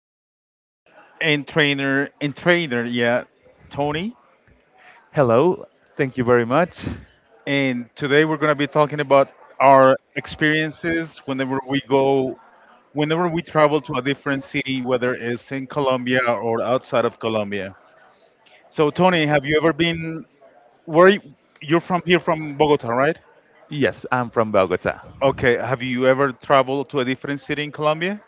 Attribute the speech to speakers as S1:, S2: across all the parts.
S1: my friend and trainer, yeah, Tony.
S2: Hello, thank you very much.
S1: And today we're gonna be talking about our experiences whenever we travel to a different city, whether it's in Colombia or outside of Colombia. So Tony, have you ever been where you- you're from here from Bogota, right?
S2: Yes, I'm from Bogota.
S1: Okay, have you ever traveled to a different city in Colombia?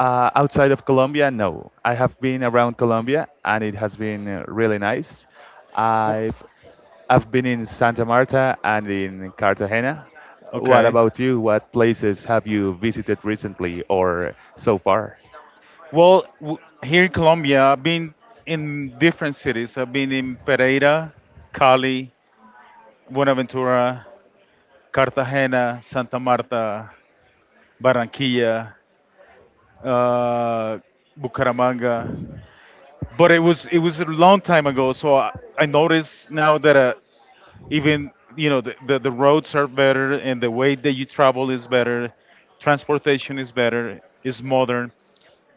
S2: Outside of Colombia, no. I have been around Colombia and it has been really nice.
S1: W-
S2: I've I've been in Santa Marta and in Cartagena. What
S1: Okay.
S2: about you? What places have you visited recently or so far?
S1: Well, w- here in Colombia, I've been in different cities. I've been in Pereira, Cali, Buenaventura, Cartagena, Santa Marta, Barranquilla, uh, Bucaramanga. But it was a long time ago, so I notice now that even you know the roads are better and the way that you travel is better, transportation is better, is modern.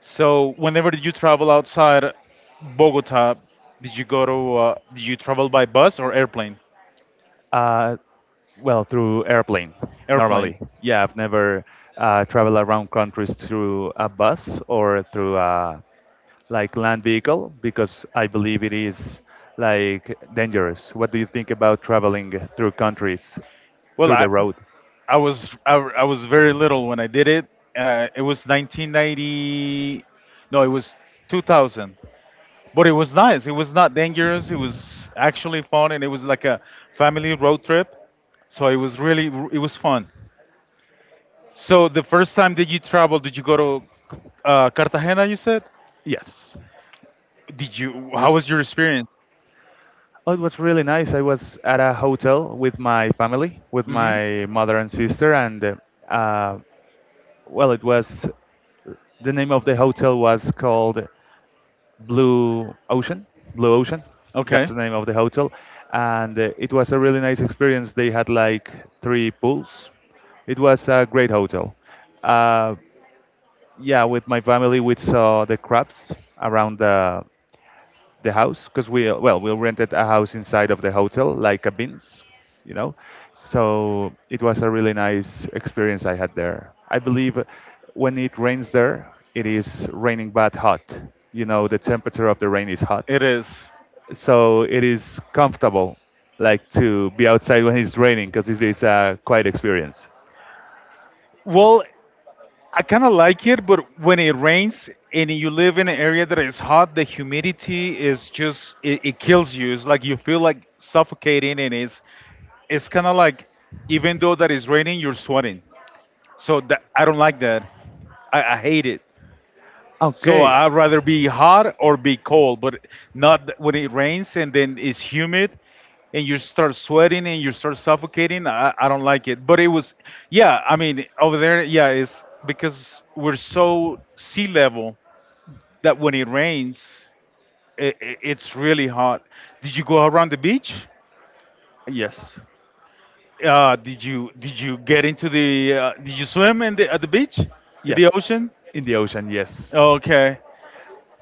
S1: So, whenever you travel outside Bogota, did you go to? Did you travel by bus or airplane?
S2: Uh, well, through airplane,
S1: Airplane.
S2: normally. Yeah, I've never traveled around countries through a bus or through a like land vehicle because I believe it is like dangerous. What do you think about traveling through countries
S1: Well,
S2: through the road?
S1: I was very little when I did it, and I, it was 1990. No, it was 2000. But it was nice. It was not dangerous. It was actually fun, and it was like a family road trip. So it was fun. So the first time that you traveled, did you go to Cartagena? You said.
S2: Yes.
S1: Did you? How was your experience?
S2: Oh, it was really nice. I was at a hotel with my family, with
S1: hmm
S2: my mother and sister, and uh, well, it was the name of the hotel was called Blue Ocean, Blue Ocean. That's
S1: Okay,
S2: the name of the hotel, and it was a really nice experience. They had like three pools. It was a great hotel. Uh, yeah, with my family, we saw the crabs around the house because we well we rented a house inside of the hotel like cabins, you know so it was a really nice experience I had there. I believe when it rains there, it is raining but hot. You know, the temperature of the rain is hot,
S1: it is.
S2: so it is comfortable like to be outside when it's raining because a quite experience.
S1: Well, I kind of like it, but when it rains and you live in an area that is hot, the humidity is just it kills you. It's like you feel like suffocating, and it's kind of like even though that is raining, you're sweating. So that I don't like that. I hate it. So
S2: Okay.
S1: I'd rather be hot or be cold, but not when it rains and then it's humid and you start sweating and you start suffocating. I don't like it. But it was, yeah, I mean, over there, yeah, it's because we're so sea level that when it rains, it's really hot. Did you go around the beach?
S2: Yes. Did
S1: Did you get into the did you swim in the at the beach in the ocean?
S2: in the ocean, yes.
S1: Okay.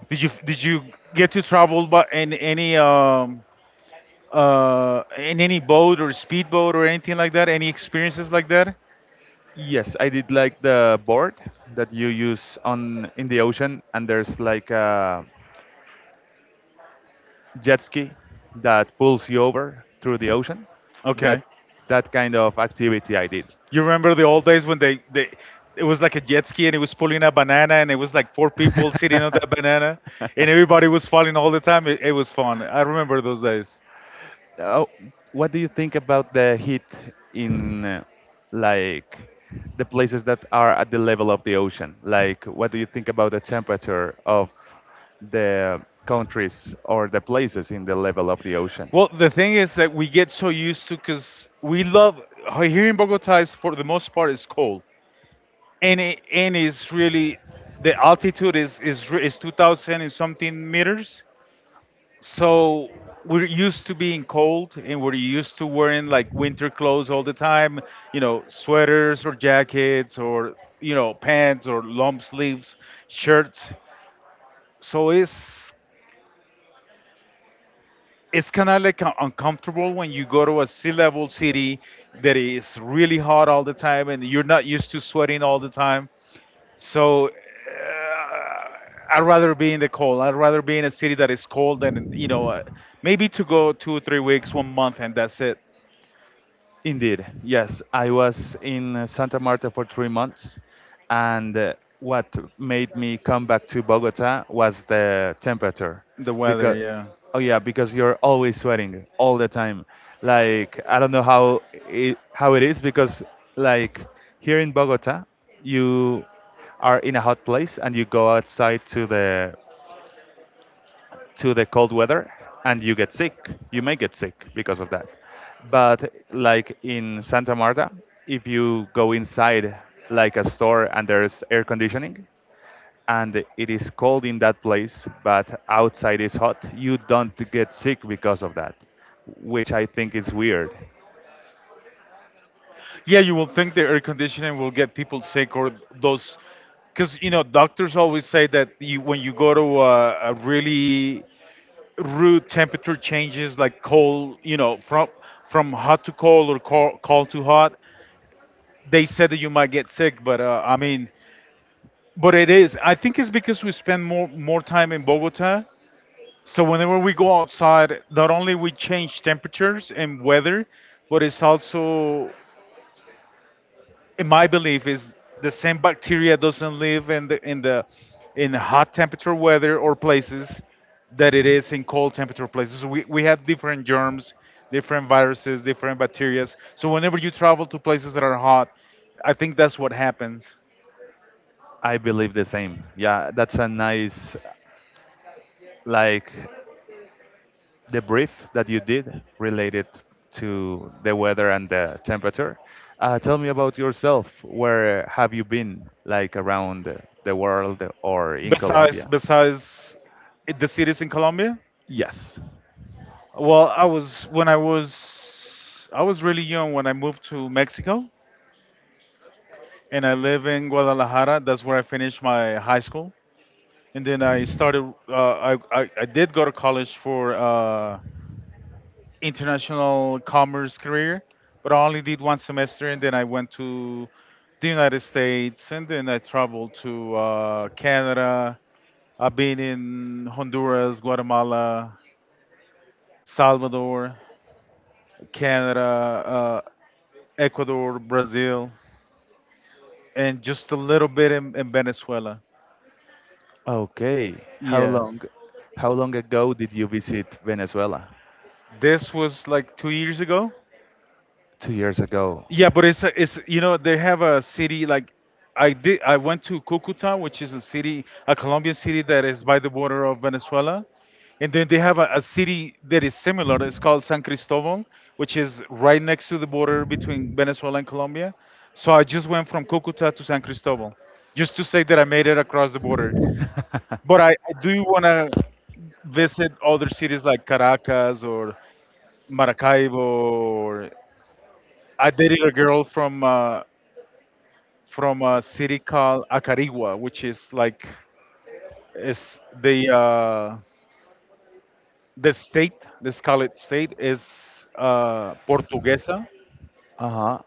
S1: Did you get to travel by in any boat or speedboat or anything like that? Any experiences like that?
S2: Yes, I did like the board that you use on in the ocean, and there's like a jet ski that pulls you over through the ocean.
S1: Okay.
S2: That that kind of activity I did.
S1: You remember the old days when they it was like a jet ski and it was pulling a banana and it was like four people sitting on that banana and everybody was falling all the time. It was fun. I remember those days.
S2: Oh, what do you think about the heat in like the places that are at the level of the ocean? Like, what do you think about the temperature of the countries or the places in the level of the ocean?
S1: Well, the thing is that we get so used to because we love here in Bogota is for the most part is cold and it's really the altitude is re- is 2000 and something meters so we're used to being cold and we're used to wearing like winter clothes all the time, you know, sweaters or jackets or you know pants or long sleeves shirts so it's kind of like un- uncomfortable when you go to a sea level city that is really hot all the time and you're not used to sweating all the time. So I'd rather be in the cold. I'd rather be in a city that is cold than you know, maybe to go two, 3 weeks, one month, and that's it.
S2: Indeed, yes. I was in Santa Marta for three months, and what made me come back to Bogota was the temperature,
S1: The weather,
S2: because
S1: yeah,
S2: oh yeah, because you're always sweating all the time. Like I don't know how it is because like here in Bogota, you are in a hot place and you go outside to the cold weather and you get sick. You may get sick because of that. But like in Santa Marta, if you go inside like a store and there's air conditioning and it is cold in that place, but outside is hot, you don't get sick because of that, which I think is weird.
S1: yeah. You will think the air conditioning will get people sick or those, because you know doctors always say that you, when you go to a really rude temperature changes, like cold, you know, from hot to cold or cold to hot, they said that you might get sick. But I mean, but it is. I think it's because we spend more time in Bogota. So whenever we go outside, not only we change temperatures and weather, but it's also, in my belief, is the same bacteria doesn't live in the in hot temperature weather or places that it is in cold temperature places. We have different germs, different viruses, different bacteria. So whenever you travel to places that are hot, I think that's what happens.
S2: I believe the same. Yeah, that's a nice like the brief that you did related to the weather and the temperature. Tell me about yourself. Where have you been, like around the world or in
S1: Besides
S2: Colombia?
S1: besides the cities in Colombia.
S2: Yes.
S1: Well, I was really young when I moved to Mexico, and I live in Guadalajara. That's where I finished my high school, and then I started. I did go to college for international commerce career, but I only did one semester, and then I went to the United States, and then I traveled to Canada. I've been in Honduras, Guatemala, Salvador, Canada, Ecuador, Brazil, and just a little bit in Venezuela.
S2: Okay.
S1: Yeah.
S2: How long ago did you visit Venezuela?
S1: This was like 2 years ago.
S2: Two years ago.
S1: Yeah, but it's you know they have a city like I went to Cucuta, which is a city, a Colombian city that is by the border of Venezuela, and then they have a city that is similar. It's called San Cristobal, which is right next to the border between Venezuela and Colombia. So I just went from Cucuta to San Cristobal, just to say that I made it across the border. But I do want to visit other cities like Caracas or Maracaibo. Or I dated a girl from a city called Acarigua, which is like is the state, let's call it state, is Portuguesa,
S2: Uh-huh.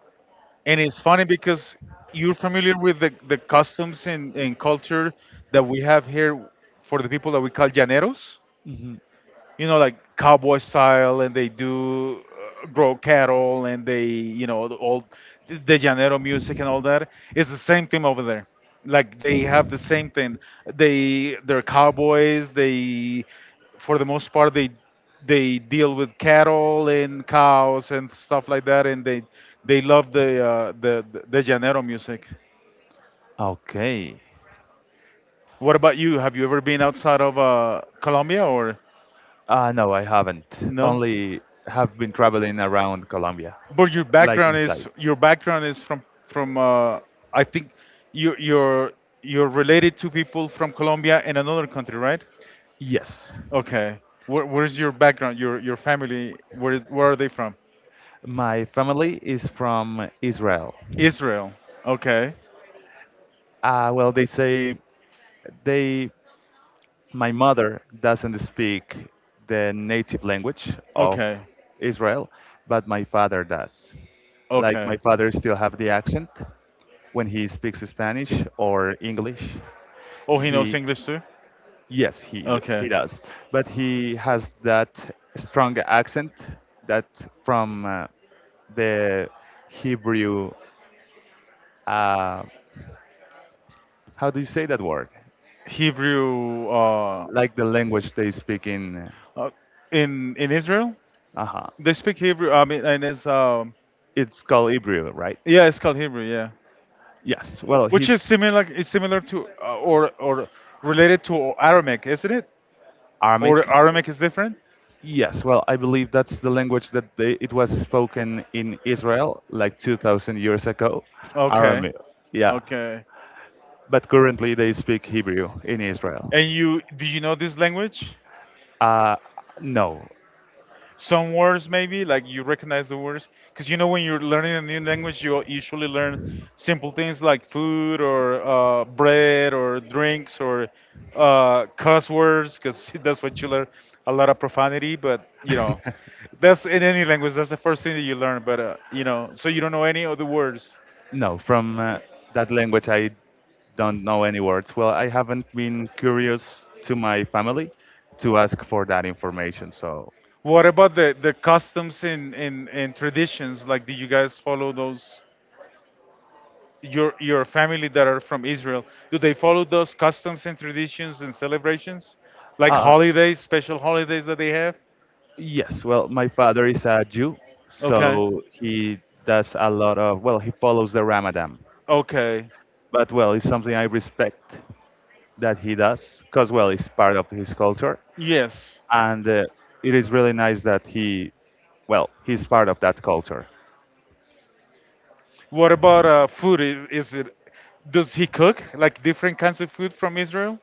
S1: and it's funny because you're familiar with the customs and culture that we have here for the people that we call llaneros,
S2: Mhm.
S1: you know, like cowboy style, and they do grow cattle, and they, you know, the old the llanero music and all that. It's the same thing over there. Like they have the same thing. They they're cowboys. They, for the most part, they deal with cattle and cows and stuff like that, and they love the the llanero music.
S2: Okay.
S1: What about you? Have you ever been outside of Colombia or
S2: No, I haven't.
S1: no?
S2: Only have been traveling around Colombia,
S1: But your
S2: like
S1: background
S2: inside.
S1: is from I think you you're you're related to people from Colombia and another country, right?
S2: Yes.
S1: Okay. Where's your background? Your family? Where are they from?
S2: My family is from Israel.
S1: Israel. Okay.
S2: Well, they say they my mother doesn't speak the native language of
S1: Okay.
S2: Israel, but my father does. Like
S1: Okay.
S2: my father still have the accent when he speaks Spanish or English.
S1: Oh, he knows
S2: He,
S1: English too.
S2: yes, he
S1: Okay.
S2: does, but he has that strong accent that from the Hebrew. Uh, how do you say that word?
S1: Hebrew.
S2: Like the language they speak in.
S1: Uh, in Israel,
S2: Uh huh.
S1: they speak Hebrew. I mean, and it's
S2: It's called Ibrio, right?
S1: yeah, it's called Hebrew. Yeah.
S2: Yes. Well, he
S1: Which is similar like, is similar to or related to Aramaic, isn't it? Or
S2: Aramic.
S1: Aramaic is different?
S2: Yes. Well, I believe that's the language that they, it was spoken in Israel like 2,000 years ago.
S1: Okay.
S2: Aramaic. Yeah.
S1: Okay.
S2: But currently they speak Hebrew in Israel.
S1: And you do you know this language?
S2: Uh, no.
S1: Some words maybe, like you recognize the words because you know when you're learning a new language you usually learn simple things like food or bread or drinks or cuss words, because that's what you learn, a lot of profanity, but you know that's in any language, that's the first thing that you learn. But you know, so you don't know any of the words.
S2: No, from that language, I don't know any words. Well, I haven't been curious to my family to ask for that information. So,
S1: What about the customs and and traditions, like do you guys follow those, your family that are from Israel, do they follow those customs and traditions and celebrations, like
S2: uh,
S1: holidays, special holidays that they have?
S2: yes, well, my father is a Jew,
S1: Okay,
S2: so he does a lot of, well, he follows the Ramadan.
S1: okay,
S2: But, well, it's something I respect that he does because well it's part of his culture.
S1: yes.
S2: And it is really nice that he well he's part of that culture.
S1: What about food? Is it? Does he cook like different kinds of food from Israel?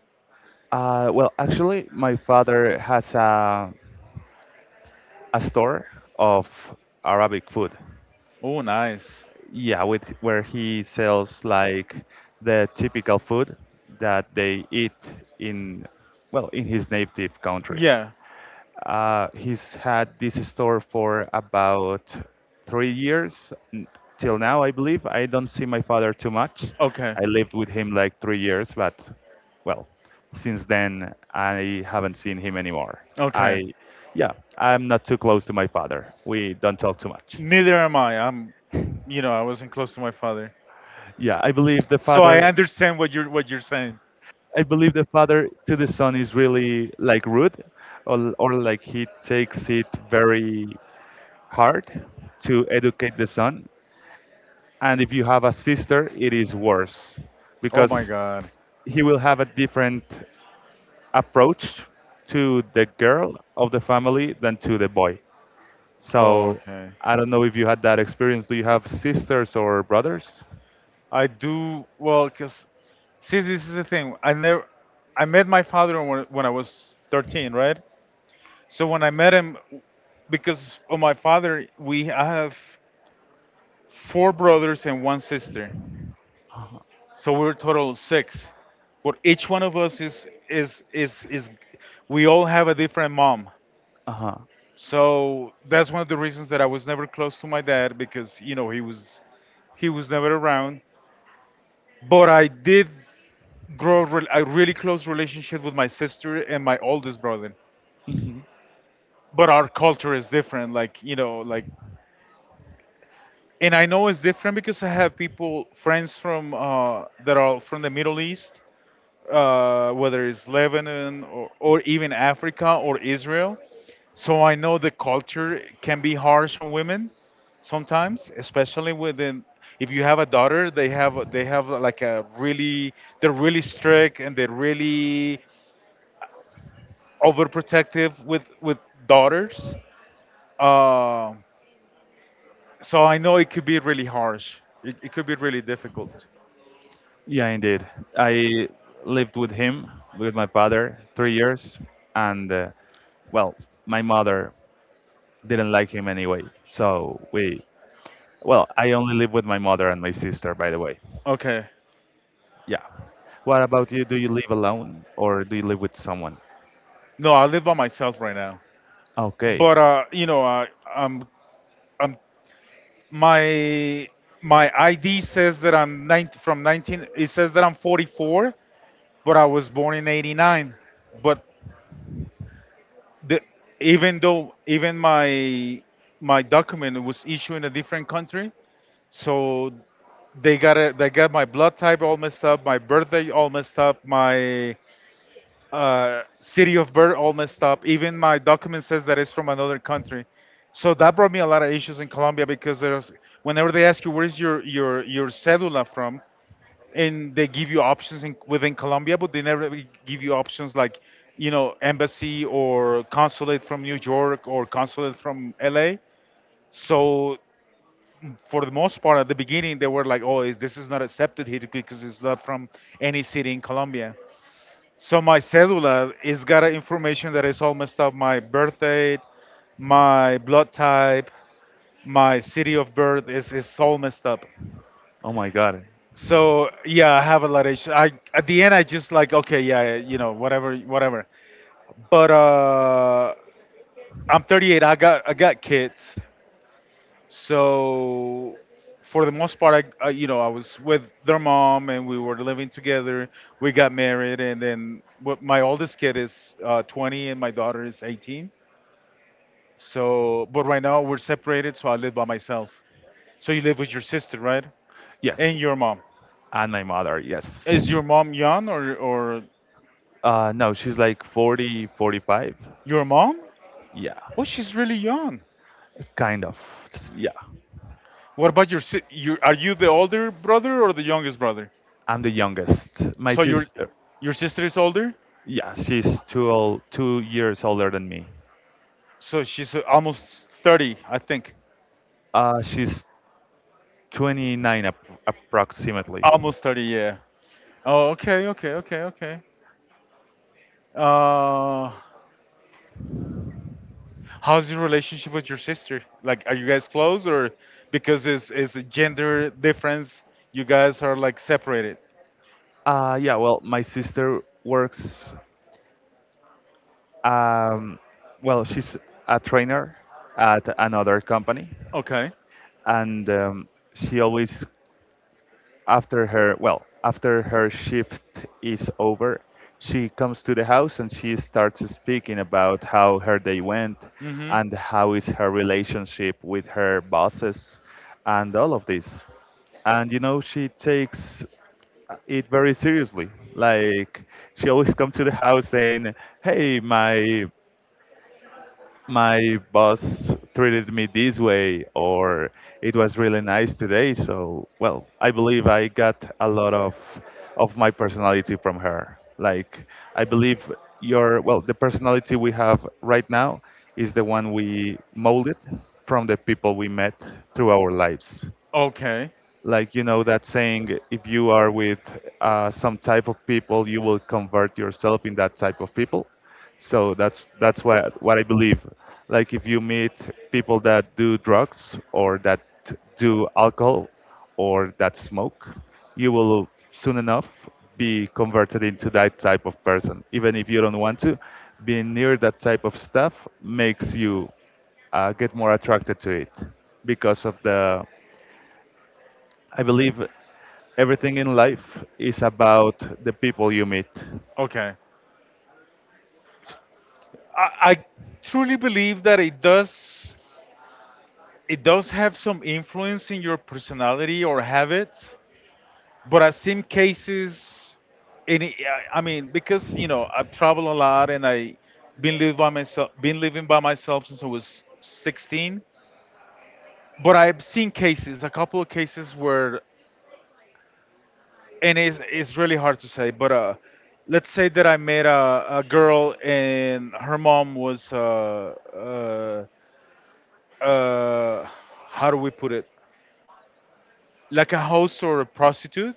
S2: Well, actually my father has a store of arabic food,
S1: Oh, nice.
S2: yeah, with where he sells like the typical food that they eat in well in his native country.
S1: Yeah.
S2: He's had this store for about three years till now, I believe. I don't see my father too much.
S1: Okay.
S2: I lived with him like three years, but well, since then I haven't seen him anymore. I,
S1: Okay.
S2: yeah, I'm not too close to my father. We don't talk too much.
S1: Neither am I. I'm. You know, I wasn't close to my father,
S2: Yeah, I believe the
S1: so I
S2: father.
S1: understand what you're saying.
S2: I believe the father to the son is really like rude, or like he takes it very hard to educate the son. And if you have a sister it is worse
S1: Oh my
S2: because
S1: God.
S2: he will have a different approach to the girl of the family than to the boy.
S1: Oh,
S2: So
S1: okay.
S2: I don't know if you had that experience. Do you have sisters or brothers?
S1: I do well because see, this is the thing. I never, I met my father when I was 13, right? So when I met him, because of my father, we I have four brothers and one sister.
S2: Uh-huh.
S1: So we're total six. But each one of us is we all have a different mom.
S2: Uh-huh.
S1: So that's one of the reasons that I was never close to my dad because you know he was never around. But I did grow re- a really close relationship with my sister and my oldest brother.
S2: Mhm.
S1: But our culture is different, like you know, like and I know it's different because I have people friends from that are from the Middle East, whether it's Lebanon or even Africa or Israel. So I know the culture can be harsh on women sometimes, especially within if you have a daughter, they have like a really they're really strict and they're really overprotective with daughters. Uh, so I know it could be really harsh. It could be really difficult.
S2: Yeah indeed, I lived with him with my father three years, and well my mother didn't like him anyway, so we Well, I only live with my mother and my sister, by the way.
S1: Okay.
S2: Yeah. What about you? Do you live alone or do you live with someone?
S1: No, I live by myself right now.
S2: Okay.
S1: But you know, I'm I'm my my ID says that I'm 9 from 19. It says that I'm 44, but I was born in 89. But the, even though even my document was issued in a different country. So they got it. They got my blood type all messed up, my birthday all messed up, my city of birth all messed up. Even my document says that it's from another country. So that brought me a lot of issues in Colombia because there's whenever they ask you where's your cedula from, and they give you options within Colombia, but they never really give you options like embassy or consulate from New York or consulate from LA. So for the most part, at the beginning, they were like, "Oh, this is not accepted here because it's not from any city in Colombia." So my cellular is got a information that is all messed up. My birth date, my blood type, my city of birth is all messed up.
S2: Oh my God.
S1: So yeah, I have a lot of issues. I at the end I just like okay, yeah, whatever, whatever. But I'm 38. I got kids. So for the most part, I I was with their mom and we were living together. We got married, and then what, my oldest kid is 20 and my daughter is 18. So, but right now we're separated, so I live by myself. So you live with your sister, right?
S2: Yes.
S1: And your mom.
S2: And my mother, yes.
S1: Is your mom young or
S2: No, she's like 40, 45.
S1: your mom?
S2: Yeah.
S1: Oh, she's really young.
S2: Kind of. S- Yeah.
S1: What about your you? Are you the older brother or the youngest brother?
S2: I'm the youngest. My
S1: So
S2: sister,
S1: your sister is older.
S2: yeah, she's two years older than me.
S1: So she's almost 30, I think.
S2: She's 29 approximately.
S1: Almost 30, yeah. Oh, okay, okay, okay, okay. Uh, how's your relationship with your sister? Like, are you guys close or because it's a gender difference, you guys are like separated?
S2: Yeah, well, my sister works, um, well, she's a trainer at another company,
S1: Okay.
S2: and she always After her, well, after her shift is over, she comes to the house and she starts speaking about how her day went
S1: Mm-hmm.
S2: and how is her relationship with her bosses and all of this. And you know, she takes it very seriously. Like she always comes to the house saying, "Hey, my boss treated me this way or it was really nice today." So well I believe I got a lot of my personality from her. Like I believe your well the personality we have right now is the one we molded from the people we met through our lives.
S1: Okay.
S2: Like you know that saying, if you are with some type of people, you will convert yourself in that type of people. So that's what I believe. Like if you meet people that do drugs or that do alcohol or that smoke, you will soon enough be converted into that type of person even if you don't want to. Being near that type of stuff makes you get more attracted to it because of the I believe everything in life is about the people you meet.
S1: Okay. I truly believe that it does have some influence in your personality or habits, but I've seen cases, and I mean, because I've traveled a lot and I been living by myself, been living by myself since I was 16. But I've seen cases, a couple of cases where, and it's really hard to say, but let's say that I met a girl and her mom was uh, uh, how do we put it, like a host or a prostitute,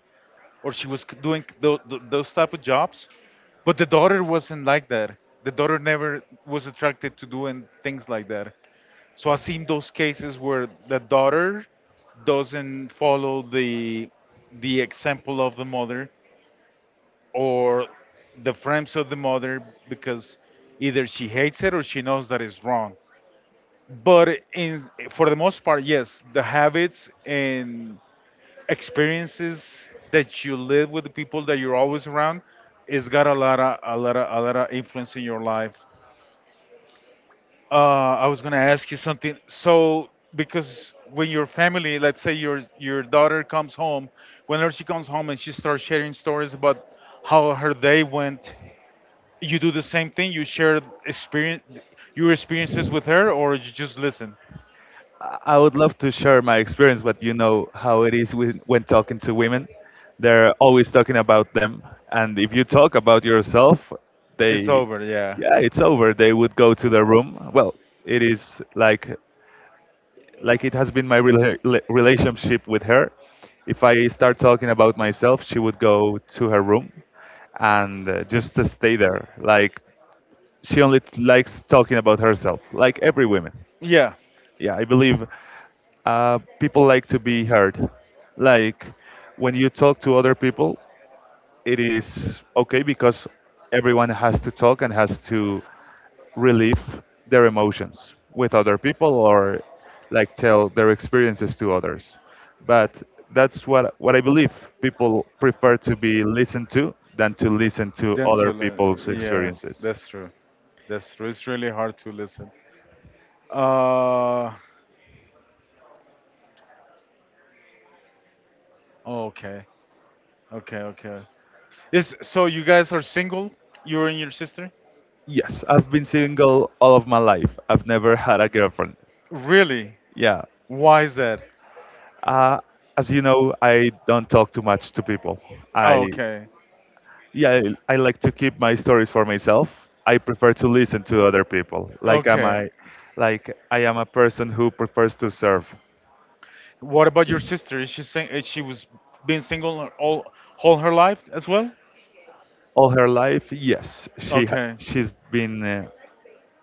S1: or she was doing those type of jobs, but the daughter wasn't like that. The daughter never was attracted to doing things like that. So I've seen those cases where the daughter doesn't follow the example of the mother, or the frames of the mother, because either she hates it or she knows that it's wrong. But in for the most part, yes, the habits and experiences that you live with the people that you're always around, it's got a lot of a lot of influence in your life. uh, I was going to ask you something. So because when your family, let's say your daughter comes home, whenever she comes home and she starts sharing stories about how her day went, you do the same thing? You share experience, your experiences with her, or you just listen?
S2: I would love to share my experience, but you know how it is when talking to women. They're always talking about them. And if you talk about yourself,
S1: It's
S2: they,
S1: over, yeah.
S2: yeah, it's over. They would go to their room. Well, it is like it has been my relationship with her. If I start talking about myself, she would go to her room and just to stay there. Like she only likes talking about herself, like every woman.
S1: Yeah.
S2: Yeah, I believe people like to be heard. Like when you talk to other people, it is okay because everyone has to talk and has to relieve their emotions with other people or like tell their experiences to others. But that's what I believe people prefer to be listened to than to listen to other
S1: Dental, uh,
S2: people's
S1: yeah,
S2: experiences.
S1: that's true. That's true. It's really hard to listen. Uh, oh, okay, okay, okay. Yes, so you guys are single? You and your sister?
S2: Yes, I've been single all of my life. I've never had a girlfriend.
S1: Really?
S2: Yeah.
S1: Why is that?
S2: Uh, as you know, I don't talk too much to people. I,
S1: Oh, okay,
S2: yeah, I like to keep my stories for myself. I prefer to listen to other people.
S1: okay.
S2: Like I am a person who prefers to serve.
S1: What about your sister? Is she is she was been single all her life as well?
S2: All her life, yes,
S1: Okay,
S2: she's been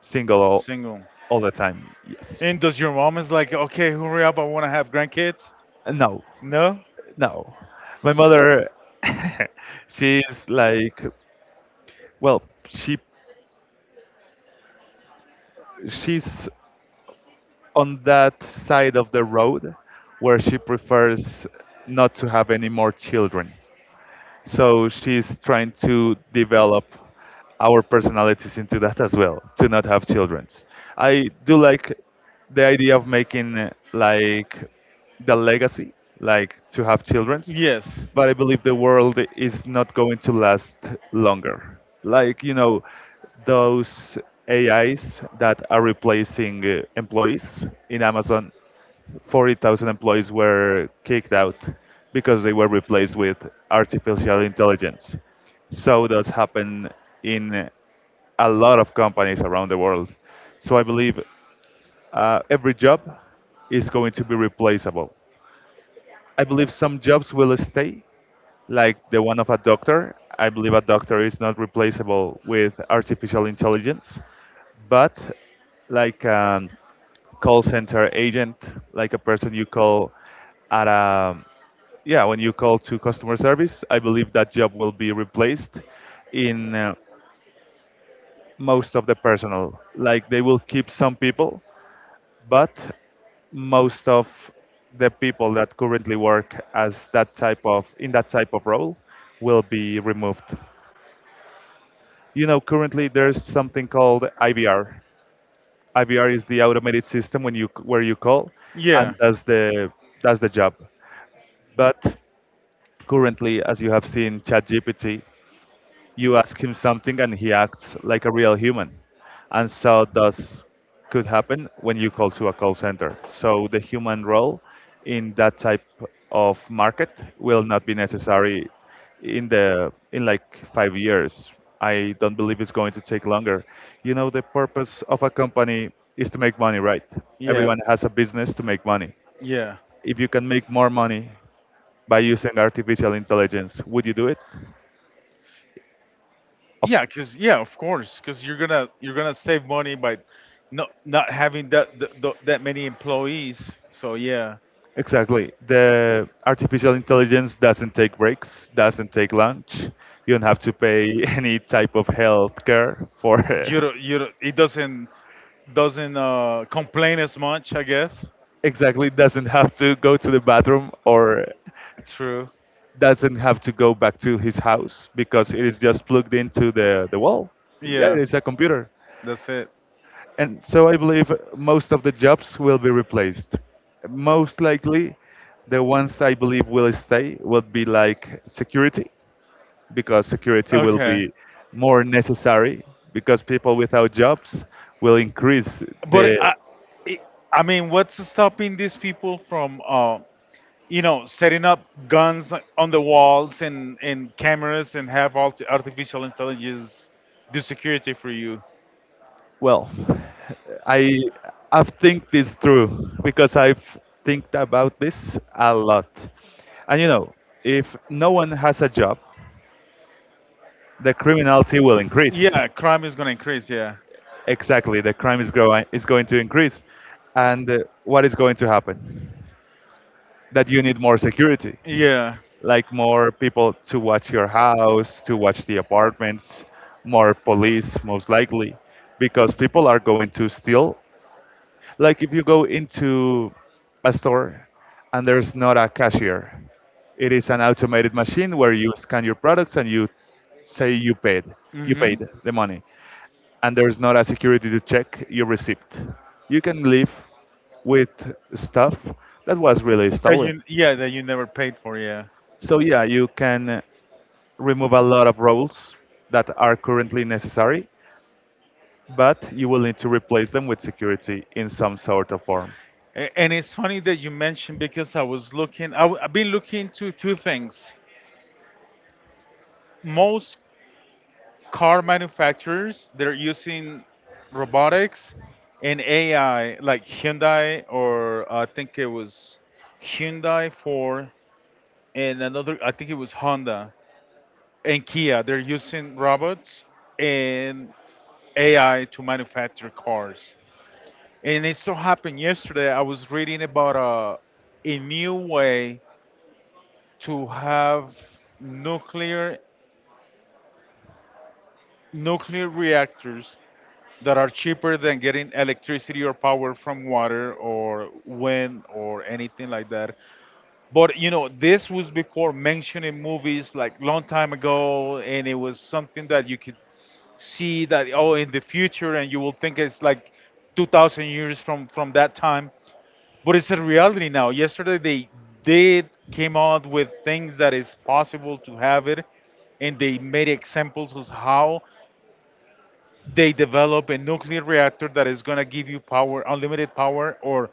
S2: single all,
S1: single.
S2: all the time. Yes.
S1: And does your mom is like, okay, hurry up, I want to have grandkids?
S2: No,
S1: No?
S2: no. My mother, she's like Well, she she's on that side of the road where she prefers not to have any more children. So she's trying to develop our personalities into that as well, to not have childrens. I do like the idea of making like the legacy, like to have childrens,
S1: Yes.
S2: but I believe the world is not going to last longer. Like, you know, those AIs that are replacing employees in Amazon, 40,000 employees were kicked out because they were replaced with artificial intelligence. So does happen in a lot of companies around the world. So I believe every job is going to be replaceable. I believe some jobs will stay, like the one of a doctor. I believe a doctor is not replaceable with artificial intelligence, but like an call center agent, like a person you call at a yeah when you call to customer service. I believe that job will be replaced in most of the personnel. Like they will keep some people, but most of the people that currently work as that type of in that type of role will be removed. You know, currently there's something called IVR. IVR is the automated system when you where you call and
S1: Yeah.
S2: does the job. But currently, as you have seen ChatGPT, you ask him something and he acts like a real human. And so does Could happen when you call to a call center. So the human role in that type of market will not be necessary in the in like 5 years. I don't believe it's going to take longer. You know, the purpose of a company is to make money, right?
S1: Yeah.
S2: Everyone has a business to make money.
S1: Yeah.
S2: If you can make more money by using artificial intelligence, would you do it? Of-
S1: Yeah, cause yeah, of course, cause you're gonna save money by not having that th th that many employees. So yeah.
S2: Exactly. The artificial intelligence doesn't take breaks, doesn't take lunch. You don't have to pay any type of health care for it.
S1: You don't- It doesn't complain as much, I guess.
S2: Exactly, doesn't have to go to the bathroom, or
S1: True.
S2: doesn't have to go back to his house because it is just plugged into the wall. Yeah,
S1: Yeah,
S2: it's a computer.
S1: that's it.
S2: And so I believe most of the jobs will be replaced. Most likely, the ones I believe will stay will be like security, because security will
S1: Okay,
S2: be more necessary, because people without jobs will increase the.
S1: but it- I mean, what's stopping these people from, you know, setting up guns on the walls and cameras and have all artificial intelligence do security for you?
S2: Well, I I have think this through because I've think about this a lot, and you know, if no one has a job, the criminality will increase.
S1: Yeah, crime is gonna increase. Yeah,
S2: Exactly, the crime is going to increase, and what is going to happen? That you need more security,
S1: yeah.
S2: like more people to watch your house, to watch the apartments, more police most likely, because people are going to steal. Like if you go into a store and there's not a cashier, it is an automated machine where you scan your products and say you paid, you
S1: Hmm.
S2: paid the money and there's not a security to check your receipt. You can leave with stuff that was really
S1: That
S2: stolen.
S1: you, yeah, that you never paid for. Yeah.
S2: So yeah, you can remove a lot of roles that are currently necessary, but you will need to replace them with security in some sort of form.
S1: And it's funny that you mentioned, because I was looking. Have been looking to two things. Most car manufacturers they're using robotics and AI, like Hyundai, or I think it was Hyundai for, and another. I think it was Honda and Kia. They're using robots and AI to manufacture cars. And it so happened yesterday I was reading about a new way to have nuclear nuclear reactors that are cheaper than getting electricity or power from water or wind or anything like that. But you know, this was before mentioning movies like long time ago, and it was something that you could see that oh in the future and you will think it's like 2000 years from that time, but it's a reality now. Yesterday they did came out with things that is possible to have it, and they made examples of how they develop a nuclear reactor that is gonna give you power, unlimited power, or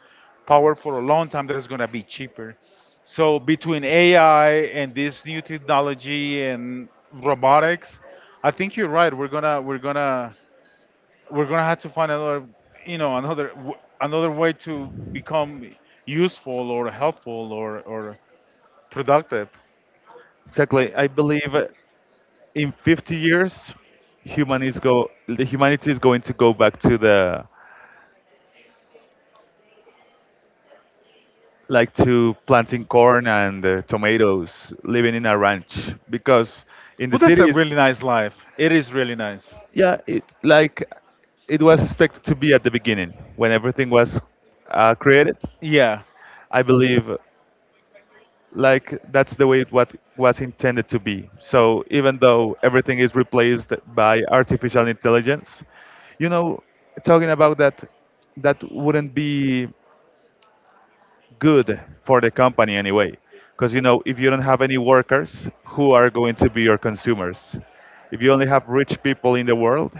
S1: power for a long time that is gonna be cheaper. So between AI and this new technology and robotics, I think you're right. We're gonna have to find another, you know, another another way to become useful or helpful or productive.
S2: Exactly. I believe in 50 years, human is go the humanity is going to go back to the like to planting corn and tomatoes, living in a ranch because in the
S1: But that's a
S2: cities,
S1: really nice life. It is really nice.
S2: yeah, it was expected to be at the beginning when everything was created.
S1: Yeah,
S2: I believe like that's the way it what was intended to be. So even though everything is replaced by artificial intelligence, you know, talking about that, that wouldn't be good for the company anyway, because you know, if you don't have any workers, who are going to be your consumers? If you only have rich people in the world,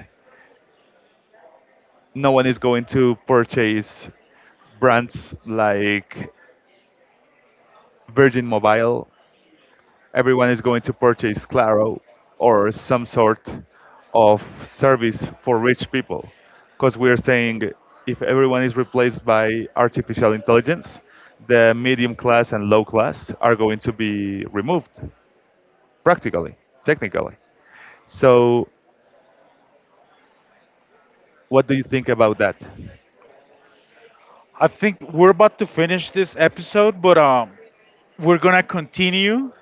S2: no one is going to purchase brands like Virgin Mobile, everyone is going to purchase Claro or some sort of service for rich people. Because we are saying if everyone is replaced by artificial intelligence, the medium class and low class are going to be removed practically, technically. So, what do you think about that?
S1: I think we're about to finish this episode, but we're gonna continue,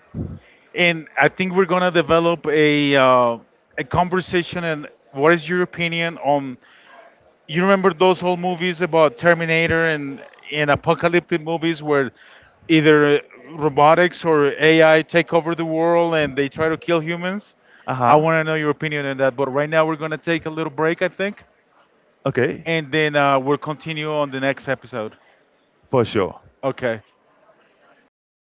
S1: and I think we're gonna develop a conversation. And what is your opinion on, you remember those whole movies about Terminator and apocalyptic movies where either robotics or AI take over the world and they try to kill humans.
S2: Uh
S1: I
S2: huh.
S1: want to know your opinion on that. But right now we're gonna take a little break, I think,
S2: Okay.
S1: and then we'll continue on the next episode.
S2: For sure.
S1: Okay.